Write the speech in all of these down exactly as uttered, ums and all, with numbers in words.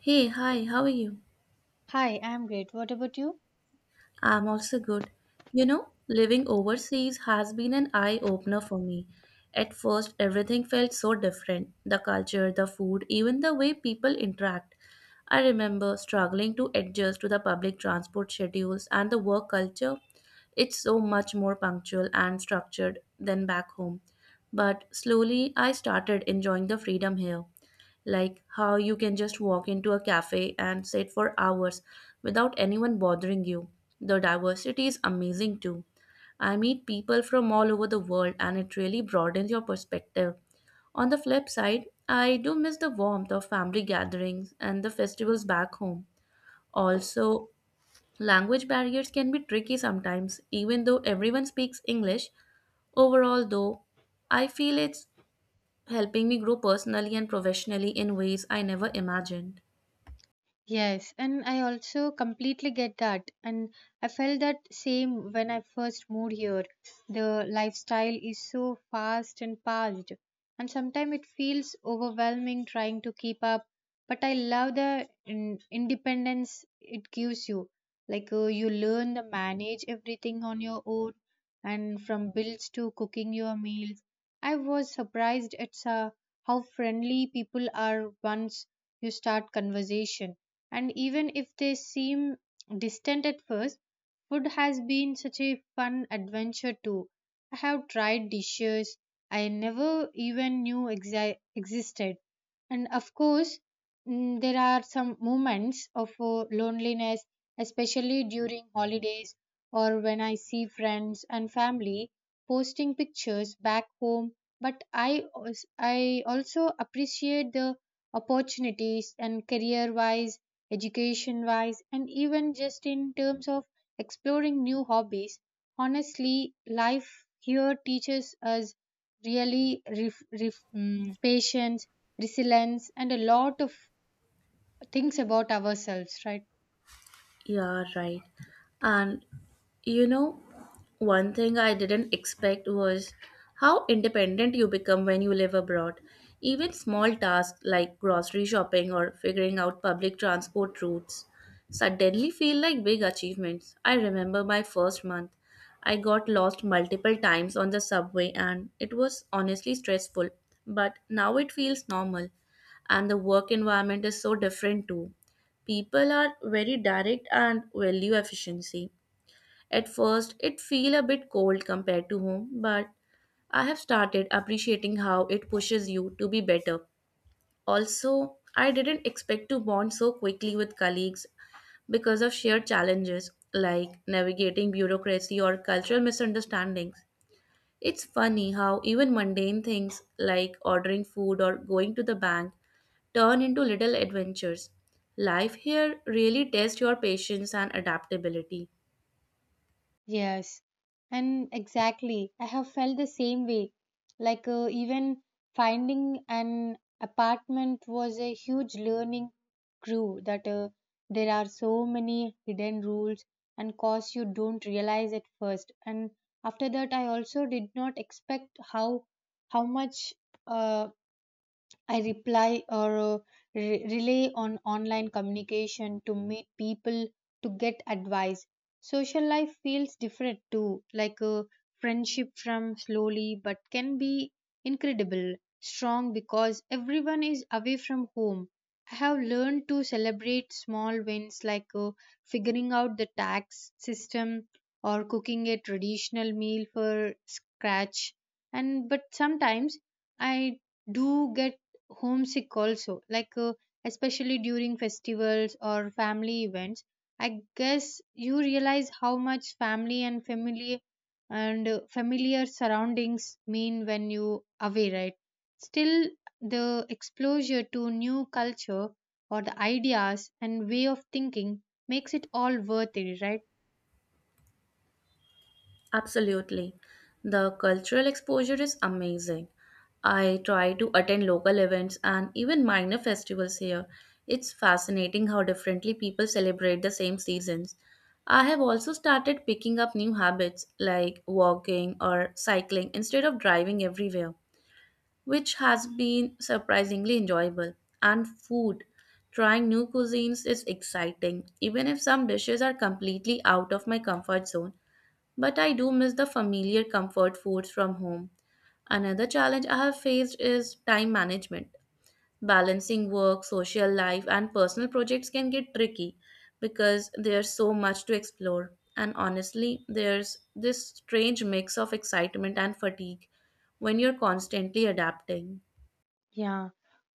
Hey, hi, how are you? Hi, I'm great. What about you? I'm also good. You know, living overseas has been an eye opener for me. At first, everything felt so different the culture, the food, even the way people interact. I remember struggling to adjust to the public transport schedules and the work culture. It's so much more punctual and structured than back home. But slowly, I started enjoying the freedom here. Like how you can just walk into a cafe and sit for hours without anyone bothering you. The diversity is amazing too. I meet people from all over the world and it really broadens your perspective. On the flip side, I do miss the warmth of family gatherings and the festivals back home. Also, language barriers can be tricky sometimes, even though everyone speaks English. Overall, though, I feel it's helping me grow personally and professionally in ways I never imagined. Yes, and I also completely get that. And I felt that same when I first moved here. The lifestyle is so fast and fast, and sometimes it feels overwhelming trying to keep up. But I love the in- independence it gives you. Like uh, you learn to manage everything on your own, and from bills to cooking your meals. I was surprised at sa- how friendly people are once you start conversation, and even if they seem distant at first, food has been such a fun adventure too. I have tried dishes I never even knew exi- existed, and of course, mm, there are some moments of uh, loneliness, especially during holidays or when I see friends and family posting pictures back home, but I als- I also appreciate the opportunities and career wise, education wise, and even just in terms of exploring new hobbies. Honestly, life here teaches us really ref, ref, mm, patience, resilience, and a lot of things about ourselves, right? Yeah, right. And you know, one thing I didn't expect was how independent you become when you live abroad. Even small tasks like grocery shopping or figuring out public transport routes suddenly feel like big achievements. I remember my first month. I got lost multiple times on the subway and it was honestly stressful, but now it feels normal. And the work environment is so different too. People are very direct and value efficiency. At first, it feel a bit cold compared to home, but I have started appreciating how it pushes you to be better. Also, I didn't expect to bond so quickly with colleagues because of shared challenges like navigating bureaucracy or cultural misunderstandings. It's funny how even mundane things like ordering food or going to the bank turn into little adventures. Life here really tests your patience and adaptability. Yes, and exactly. I have felt the same way. Like, uh, even finding an apartment was a huge learning crew that uh, there are so many hidden rules and costs you don't realize at first. And after that, I also did not expect how how much uh, I reply or uh, re- rely on online communication to meet people to get advice. Social life feels different too, like a friendship from slowly but can be incredible, strong because everyone is away from home. I have learned to celebrate small wins like uh, figuring out the tax system or cooking a traditional meal for scratch and but sometimes I do get homesick also like uh, especially during festivals or family events i guess you realize how much family and family and uh, familiar surroundings mean when you away right. Still, the exposure to new culture or the ideas and way of thinking makes it all worth it, right? Absolutely. The cultural exposure is amazing. I try to attend local events and even minor festivals here. It's fascinating how differently people celebrate the same seasons. I have also started picking up new habits like walking or cycling instead of driving everywhere, which has been surprisingly enjoyable. And food, trying new cuisines is exciting, even if some dishes are completely out of my comfort zone. But I do miss the familiar comfort foods from home. Another challenge I have faced is time management. Balancing work, social life, and personal projects can get tricky because there's so much to explore. And honestly, there's this strange mix of excitement and fatigue when you're constantly adapting. Yeah.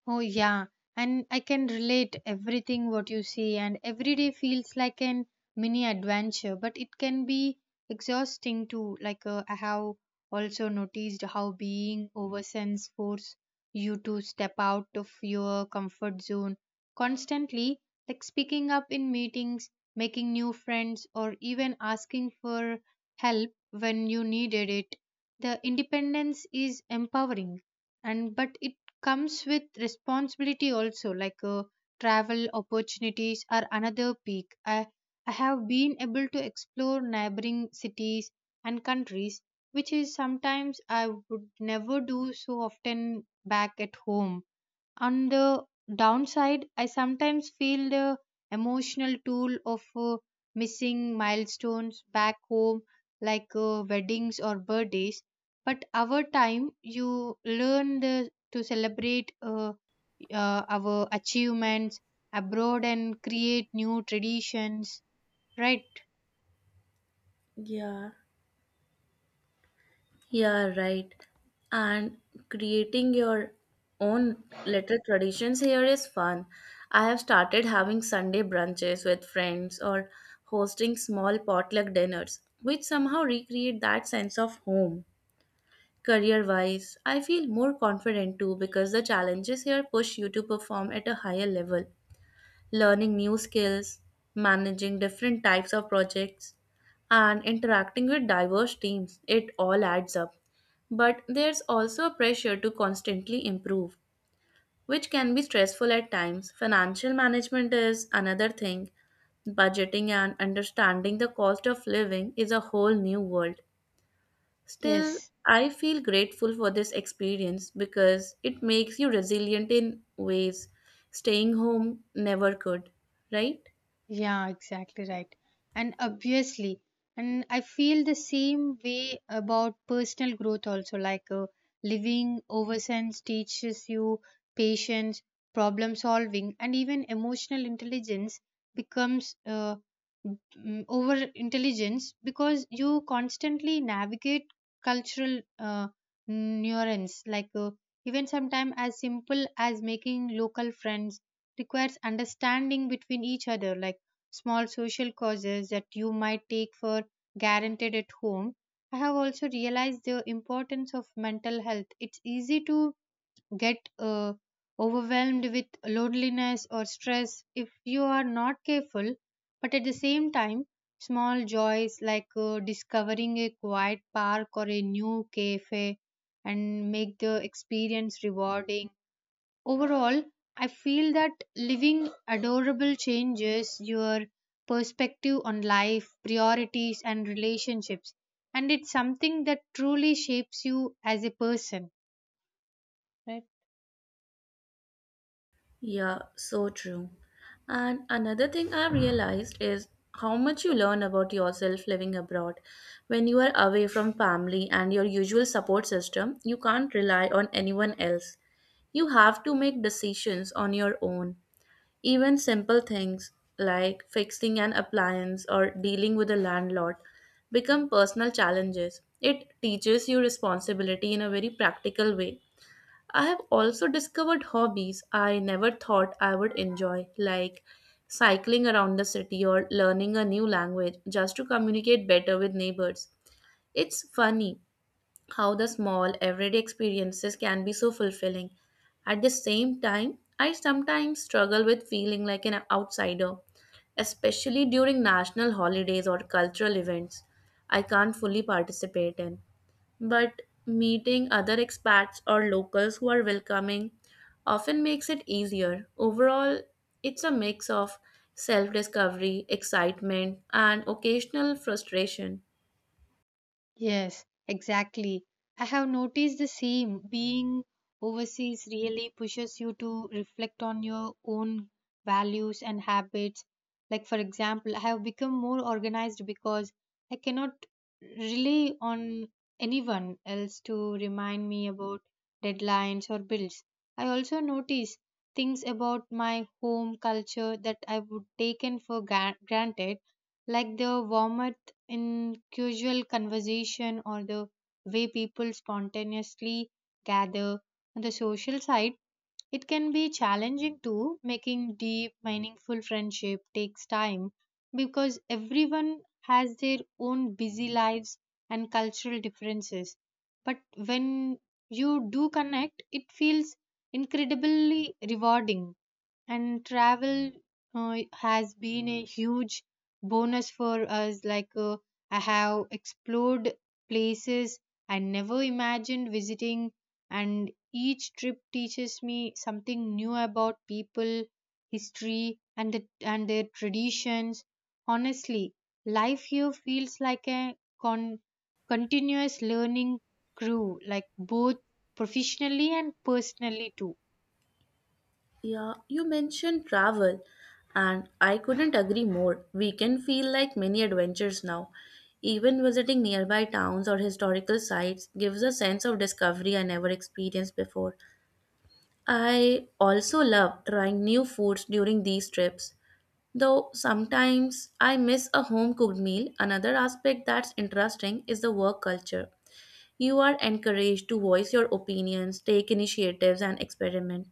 Oh, yeah. And I can relate everything what you see, and every day feels like an mini adventure, but it can be exhausting too. Like, uh, I have also noticed how being oversense force you to step out of your comfort zone constantly, like speaking up in meetings, making new friends, or even asking for help when you needed it. The independence is empowering and but it comes with responsibility also like uh, travel opportunities are another peak I, I have been able to explore neighboring cities and countries, which is sometimes i would never do so often back at home. On the downside, I sometimes feel the emotional toll of uh, missing milestones back home, like uh, weddings or birthdays. But our time, you learn the, to celebrate uh, uh, our achievements abroad and create new traditions, right? Yeah. Yeah, right. And creating your own little traditions here is fun. I have started having Sunday brunches with friends or hosting small potluck dinners, which somehow recreate that sense of home. Career wise, I feel more confident too because the challenges here push you to perform at a higher level. Learning new skills, managing different types of projects, and interacting with diverse teams. It all adds up. But there's also a pressure to constantly improve, which can be stressful at times. Financial management is another thing. Budgeting and understanding the cost of living is a whole new world. Still, Yes. I feel grateful for this experience because it makes you resilient in ways staying home never could, right? Yeah, exactly right. And obviously, and I feel the same way about personal growth also. Like uh, living oversense teaches you patience, problem solving, and even emotional intelligence becomes uh, mm, over intelligence because you constantly navigate cultural uh, nuance like uh, even sometimes as simple as making local friends requires understanding between each other, like small social causes that you might take for guaranteed at home. I have also realized the importance of mental health. It's easy to get uh, overwhelmed with loneliness or stress if you are not careful, but at the same time, small joys like uh, discovering a quiet park or a new cafe and make the experience rewarding. Overall, I feel that living adorable changes your perspective on life, priorities, and relationships, and it's something that truly shapes you as a person, right? Yeah, so true. And another thing I've realized is how much you learn about yourself living abroad. When you are away from family and your usual support system, you can't rely on anyone else. You have to make decisions on your own. Even simple things like fixing an appliance or dealing with a landlord become personal challenges. It teaches you responsibility in a very practical way. I have also discovered hobbies I never thought I would enjoy, like cycling around the city or learning a new language just to communicate better with neighbors. It's funny how the small, everyday experiences can be so fulfilling. At the same time, I sometimes struggle with feeling like an outsider, especially during national holidays or cultural events I can't fully participate in, but meeting other expats or locals who are welcoming often makes it easier. Overall, it's a mix of self discovery, excitement, and occasional frustration. Yes, exactly. I have noticed the same. Being overseas really pushes you to reflect on your own values and habits. Like, for example, I have become more organized because I cannot rely on anyone else to remind me about deadlines or bills. I also notice things about my home culture that I would taken for gra- granted, like the warmer in casual conversation or the way people spontaneously gather. On the social side, it can be challenging too. Making deep, meaningful friendship takes time because everyone has their own busy lives and cultural differences. But when you do connect, it feels incredibly rewarding. And travel uh, has been a huge bonus for us, like uh, i have explored places i never imagined visiting, and each trip teaches me something new about people, history, and the, and their traditions. Honestly, life here feels like a con- continuous learning crew, like both professionally and personally too. Yeah, you mentioned travel, and I couldn't agree more. We can feel like mini adventures now. Even visiting nearby towns or historical sites gives a sense of discovery I never experienced before. I also love trying new foods during these trips. Though sometimes I miss a home cooked meal, another aspect that's interesting is the work culture. You are encouraged to voice your opinions, take initiatives, and experiment.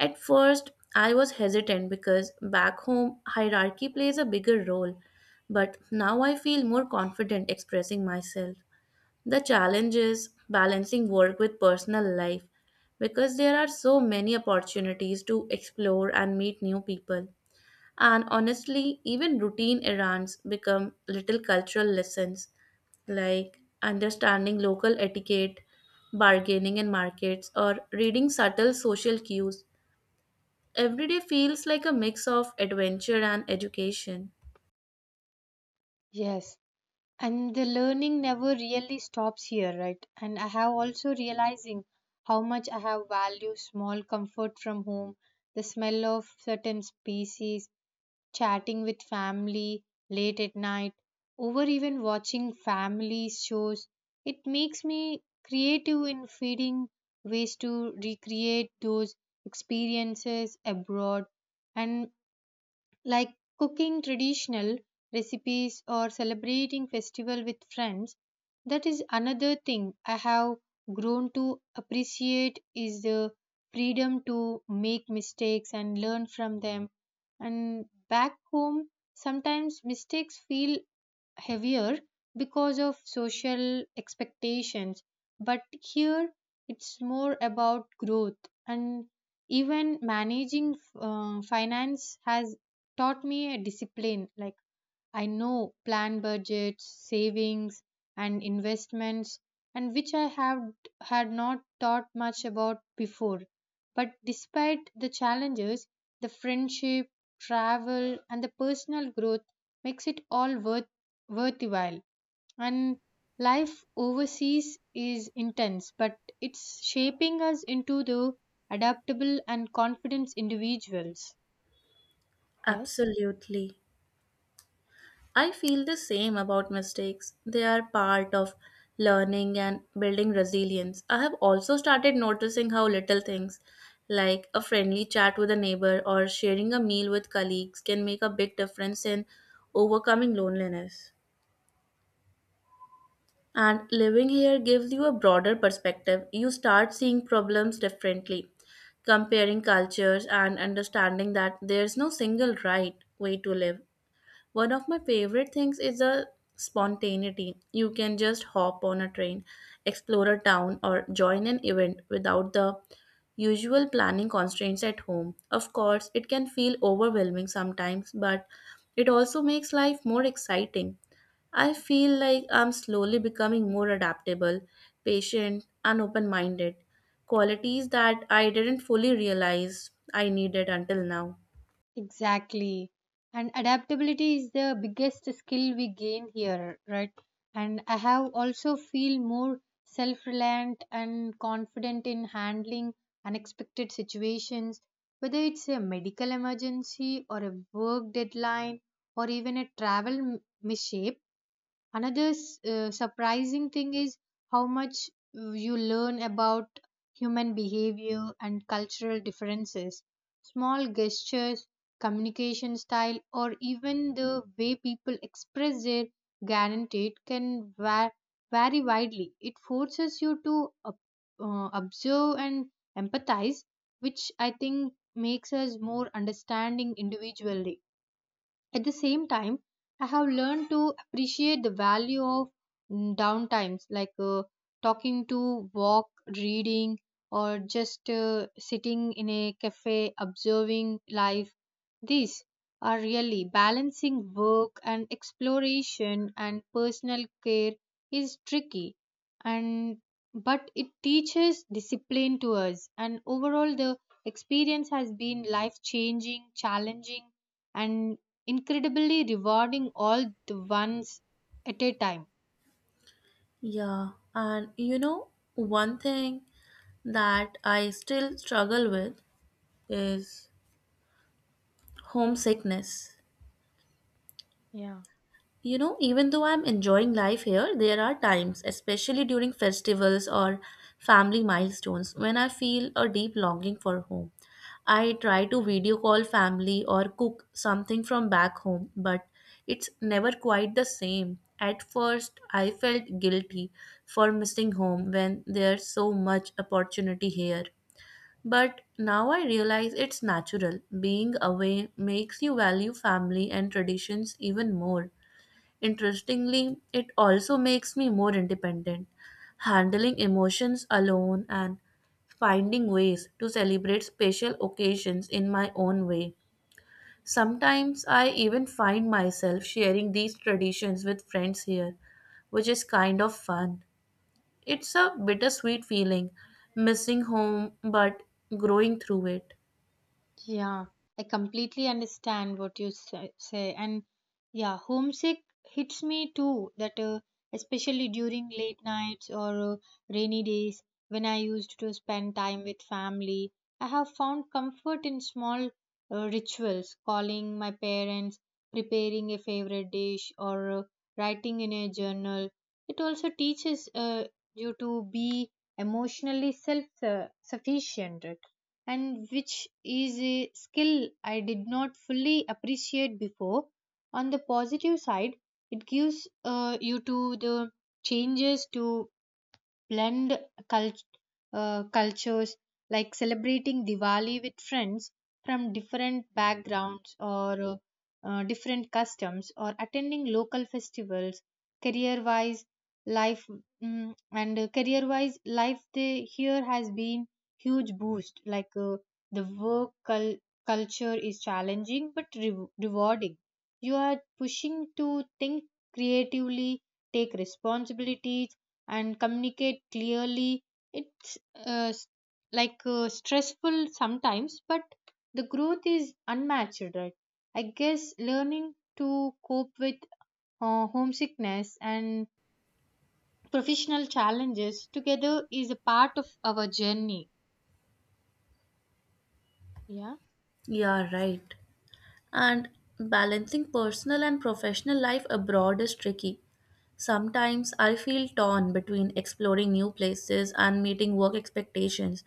At first, I was hesitant because back home, hierarchy plays a bigger role, but now I feel more confident expressing myself. The challenge is balancing work with personal life because there are so many opportunities to explore and meet new people. And honestly, even routine errands become little cultural lessons like understanding local etiquette, bargaining in markets, or reading subtle social cues. Every day feels like a mix of adventure and education. Yes, and the learning never really stops here, right? And i have also realizing how much i have valued small comfort from home, the smell of certain species, chatting with family late at night, over even watching family shows. It makes me creative in feeding ways to recreate those experiences abroad, and like cooking traditional recipes or celebrating festival with friends. That is another thing i have grown to appreciate, is the freedom to make mistakes and learn from them. And back home sometimes mistakes feel heavier because of social expectations, but here it's more about growth. And even managing uh, finance has taught me a discipline, like I know plan budgets, savings, and investments, and which I have had not thought much about before. But despite the challenges, the friendship, travel, and the personal growth makes it all worth worthwhile. And life overseas is intense, but it's shaping us into the adaptable and confident individuals. Yes. Absolutely. I feel the same about mistakes. They are part of learning and building resilience. I have also started noticing how little things like a friendly chat with a neighbor or sharing a meal with colleagues can make a big difference in overcoming loneliness. And living here gives you a broader perspective. You start seeing problems differently, comparing cultures, and understanding that there's no single right way to live. One of my favorite things is the spontaneity. You can just hop on a train, explore a town, or join an event without the usual planning constraints at home. Of course, it can feel overwhelming sometimes, but it also makes life more exciting. I feel like I'm slowly becoming more adaptable, patient, and open minded. Qualities that I didn't fully realize I needed until now. Exactly. And adaptability is the biggest skill we gain here, right? And I have also feel more self-reliant and confident in handling unexpected situations, whether it's a medical emergency or a work deadline or even a travel m- mishap Another s- uh, surprising thing is how much uh, you learn about human behavior and cultural differences. Small gestures, communication style, or even the way people express their guaranteed can va- vary widely. It forces you to ob- uh, observe and empathize, which I think makes us more understanding individually. At the same time, I have learned to appreciate the value of mm, downtimes, like uh, talking to, walk, reading, or just uh, sitting in a cafe observing life. These are really balancing work and exploration and personal care is tricky, and but it teaches discipline to us. And overall the experience has been life changing, challenging, and incredibly rewarding all the ones at a time. Yeah, and you know, one thing that I still struggle with is homesickness. Yeah. You know, even though I'm enjoying life here, there are times, especially during festivals or family milestones, when I feel a deep longing for home. I try to video call family or cook something from back home, but it's never quite the same. At first, I felt guilty for missing home when there's so much opportunity here. But now I realize it's natural. Being away makes you value family and traditions even more. Interestingly, it also makes me more independent, handling emotions alone and finding ways to celebrate special occasions in my own way. Sometimes I even find myself sharing these traditions with friends here, which is kind of fun. It's a bittersweet feeling, missing home but growing through it. Yeah, I completely understand what you say, say. And yeah, homesick hits me too. That uh, especially during late nights or uh, rainy days when I used to spend time with family, I have found comfort in small uh, rituals, calling my parents, preparing a favorite dish, or uh, writing in a journal. It also teaches uh, you to be emotionally self uh, sufficient, right? And which is a skill I did not fully appreciate before. On the positive side, it gives uh, you to the changes to blend cult- uh, cultures, like celebrating Diwali with friends from different backgrounds or uh, uh, different customs or attending local festivals. career wise life mm, and career wise life they, here has been huge boost, like uh, the work cul- culture is challenging but re- rewarding You are pushing to think creatively, take responsibilities, and communicate clearly. It's uh, s- like uh, stressful sometimes, but the growth is unmatched, right? I guess learning to cope with uh, homesickness and professional challenges together is a part of our journey, yeah. Yeah, right. And balancing personal and professional life abroad is tricky. Sometimes I feel torn between exploring new places and meeting work expectations,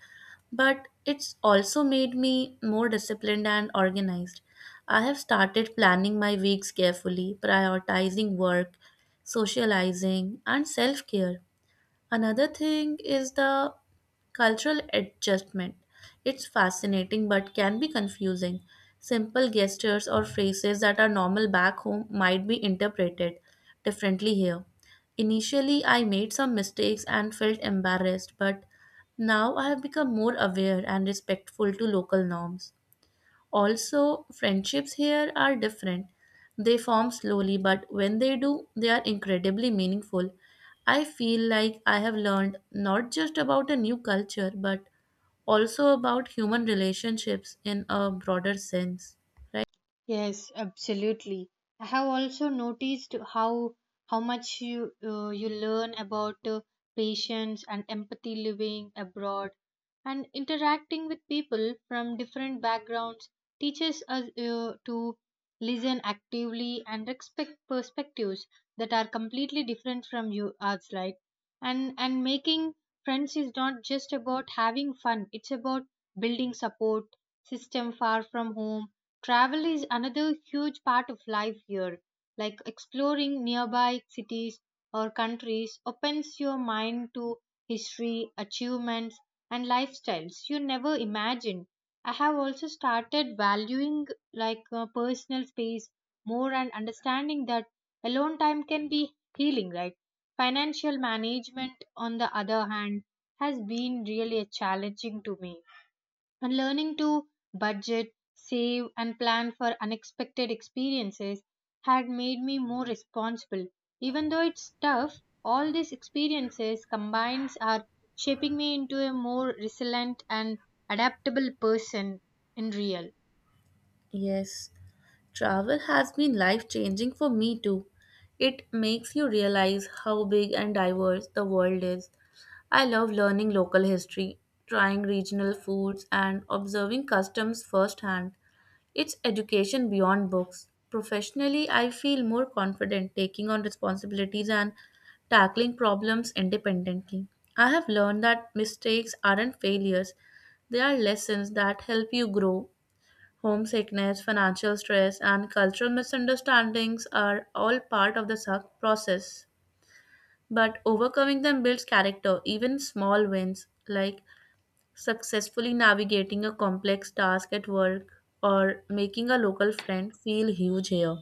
but it's also made me more disciplined and organized. I have started planning my weeks carefully, prioritizing work, socializing, and self care. Another thing is the cultural adjustment. It's fascinating but can be confusing. Simple gestures or phrases that are normal back home might be interpreted differently here. Initially, I made some mistakes and felt embarrassed, but now I have become more aware and respectful to local norms. Also, friendships here are different. They form slowly, but when they do, they are incredibly meaningful. I feel like I have learned not just about a new culture, but also about human relationships in a broader sense, right? Yes, absolutely. I have also noticed how how much you uh, you learn about uh, patience and empathy living abroad, and interacting with people from different backgrounds teaches us uh, to listen actively and respect perspectives that are completely different from you ours, right? And and making friends is not just about having fun, it's about building support system far from home. Travel is another huge part of life here, like exploring nearby cities or countries opens your mind to history, achievements, and lifestyles you never imagined. I have also started valuing, like uh, personal space more, and understanding that alone time can be healing, right? Financial management, on the other hand, has been really challenging to me, and learning to budget, save, and plan for unexpected experiences had made me more responsible. Even though it's tough, all these experiences combined are shaping me into a more resilient and adaptable person in real. Yes. Travel has been life changing for me too. It makes you realize how big and diverse the world is. I love learning local history, trying regional foods, and observing customs firsthand. It's education beyond books. Professionally, I feel more confident taking on responsibilities and tackling problems independently. I have learned that mistakes aren't failures, they are lessons that help you grow. Homesickness, financial stress, and cultural misunderstandings are all part of the suck process. But overcoming them builds character, even small wins like successfully navigating a complex task at work or making a local friend feel huge here.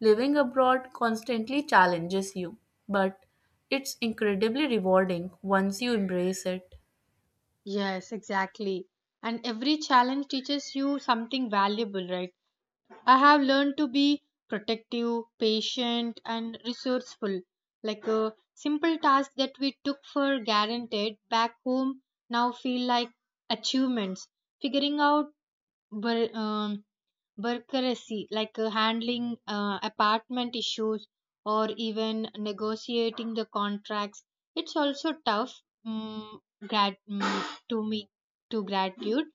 Living abroad constantly challenges you, but it's incredibly rewarding once you embrace it. Yes, exactly. And every challenge teaches you something valuable, right? I have learned to be protective, patient, and resourceful. Like a simple task that we took for granted back home now feel like achievements. Figuring out bul- um, bureaucracy, like uh, handling uh, apartment issues or even negotiating the contracts, it's also tough. mm, grat- mm, to me to gratitude,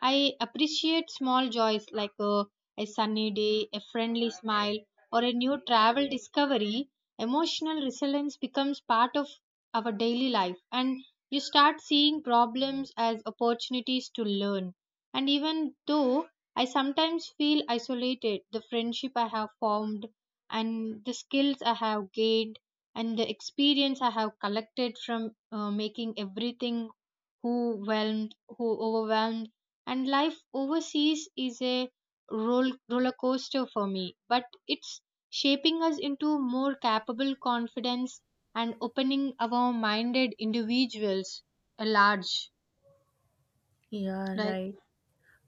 i appreciate small joys like uh, a sunny day, a friendly smile, or a new travel discovery. Emotional resilience becomes part of our daily life, and you start seeing problems as opportunities to learn. And even though I sometimes feel isolated, the friendship I have formed, and the skills I have gained, and the experience I have collected from uh, making everything who whelmed, who overwhelmed, and life overseas is a roll, roller coaster for me. But it's shaping us into more capable, confidence, and opening our minded individuals at large. Yeah, Right? right.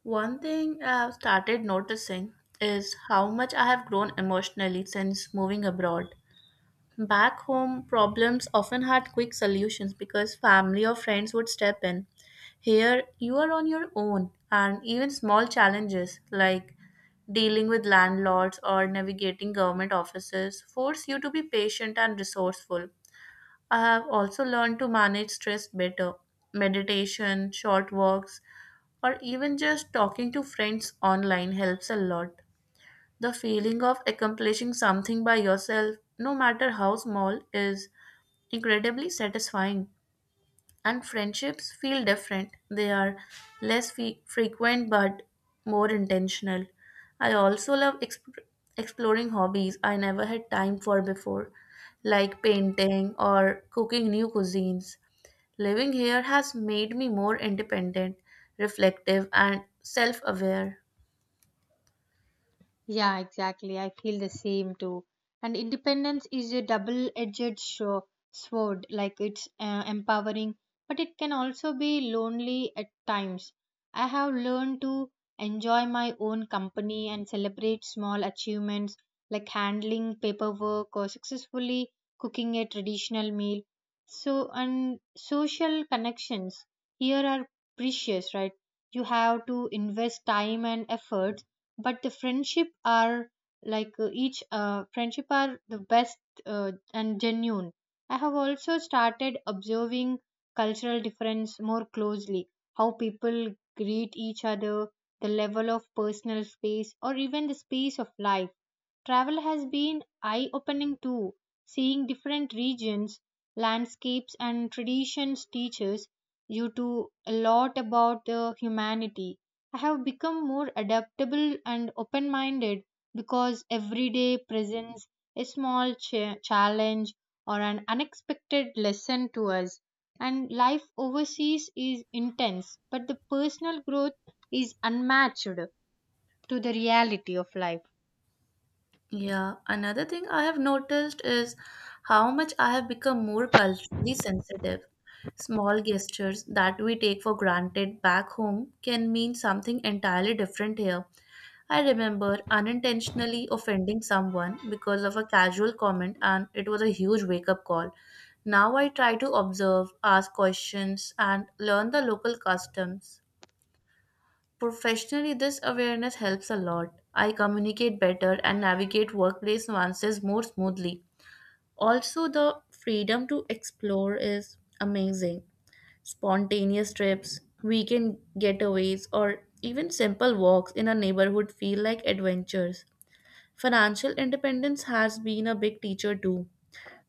One thing I've started noticing is how much I have grown emotionally since moving abroad. Back home, problems often had quick solutions because family or friends would step in. Here, you are on your own, and even small challenges like dealing with landlords or navigating government offices force you to be patient and resourceful. I have also learned to manage stress better. Meditation, short walks, or even just talking to friends online helps a lot. The feeling of accomplishing something by yourself, no matter how small, is incredibly satisfying. And friendships feel different. They are less fe- frequent but more intentional. I also love exp- exploring hobbies I never had time for before, like painting or cooking new cuisines. Living here has made me more independent, reflective, and self aware. Yeah, exactly. I feel the same too. And independence is a double edged sword, like it's uh, empowering, but it can also be lonely at times. I have learned to enjoy my own company and celebrate small achievements like handling paperwork or successfully cooking a traditional meal. So, and social connections here are precious, right? You have to invest time and effort, but the friendship are like uh, each uh, friendship are the best uh, and genuine. I have also started observing cultural difference more closely, how people greet each other, the level of personal space, or even the space of life. Travel has been eye opening too, seeing different regions, landscapes, and traditions teaches you to a lot about the humanity. I have become more adaptable and open minded because every day presents a small cha- challenge or an unexpected lesson to us. And life overseas is intense, but the personal growth is unmatched to the reality of life. Yeah, another thing I have noticed is how much I have become more culturally sensitive. Small gestures that we take for granted back home can mean something entirely different here. I remember unintentionally offending someone because of a casual comment, and it was a huge wake up call. Now I try to observe, ask questions, and learn the local customs. Professionally, this awareness helps a lot. I communicate better and navigate workplace nuances more smoothly. Also, the freedom to explore is amazing. Spontaneous trips, weekend getaways, or even simple walks in a neighborhood feel like adventures. Financial independence has been a big teacher too.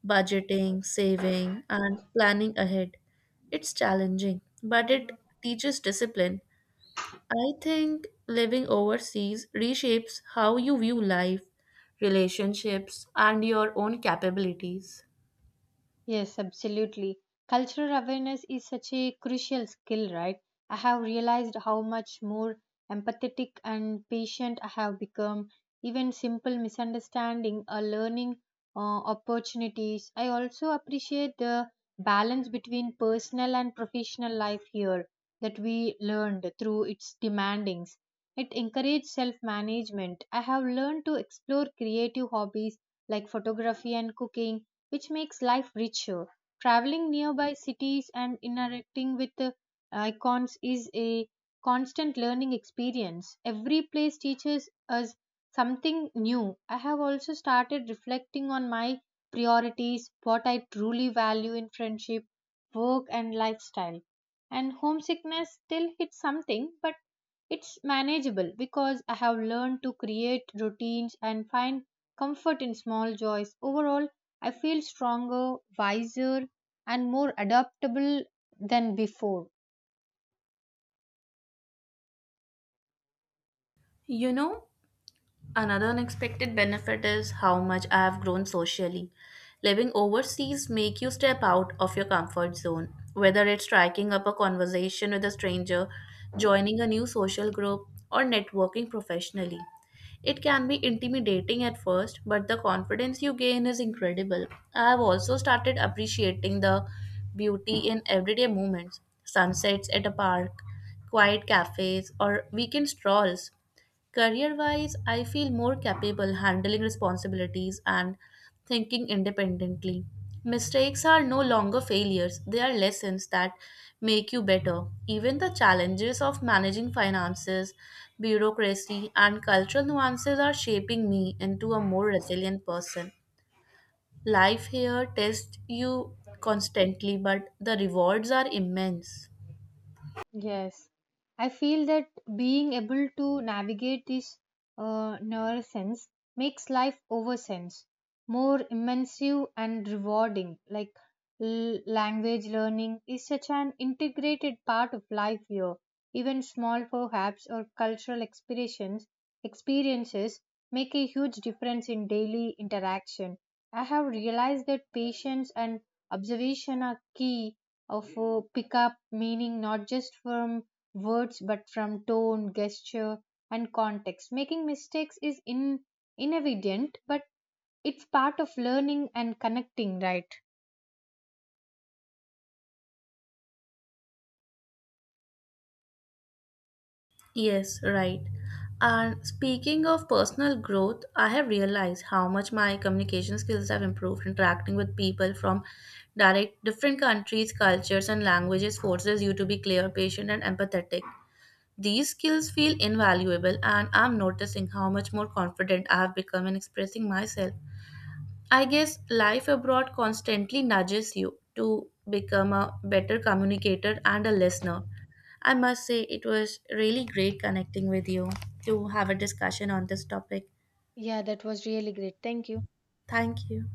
Budgeting, saving, and planning ahead. It's challenging, but it teaches discipline. I think living overseas reshapes how you view life, relationships, and your own capabilities. Yes, absolutely. Cultural awareness is such a crucial skill, right? I have realized how much more empathetic and patient have become, even simple misunderstanding are learning uh, opportunities. I also appreciate the balance between personal and professional life here, that we learned through its demandings. It encouraged self management. I have learned to explore creative hobbies like photography and cooking, which makes life richer. Traveling nearby cities and interacting with uh, icons is a constant learning experience. Every place teaches us something new. I have also started reflecting on my priorities, what I truly value in friendship, work, and lifestyle. And homesickness still hits something, but it's manageable because I have learned to create routines and find comfort in small joys. Overall, I feel stronger, wiser, and more adaptable than before. You know, another unexpected benefit is how much I have grown socially. Living overseas make you step out of your comfort zone, whether it's striking up a conversation with a stranger, joining a new social group, or networking professionally. It can be intimidating at first, but the confidence you gain is incredible. I have also started appreciating the beauty in everyday moments, sunsets at a park, quiet cafes, or weekend strolls. Career wise, I feel more capable handling responsibilities and thinking independently. Mistakes are no longer failures, they are lessons that make you better. Even the challenges of managing finances, bureaucracy, and cultural nuances are shaping me into a more resilient person. Life here tests you constantly, but the rewards are immense. Yes, I feel that being able to navigate this uh, nerve sense makes life over sense more immersive and rewarding. Like l- language learning is such an integrated part of life here. Even small perhaps or cultural experiences experiences make a huge difference in daily interaction. I have realized that patience and observation are key of uh, pick up meaning not just from words but from tone, gesture, and context. Making mistakes is in inevident, but it's part of learning and connecting, right? Yes, right. And speaking of personal growth, I have realized how much my communication skills have improved. Interacting with people from direct different countries, cultures, and languages forces you to be clear, patient, and empathetic. These skills feel invaluable, and I'm noticing how much more confident I have become in expressing myself. I guess life abroad constantly nudges you to become a better communicator and a listener. I must say, it was really great connecting with you to have a discussion on this topic. Yeah, that was really great. Thank you. Thank you.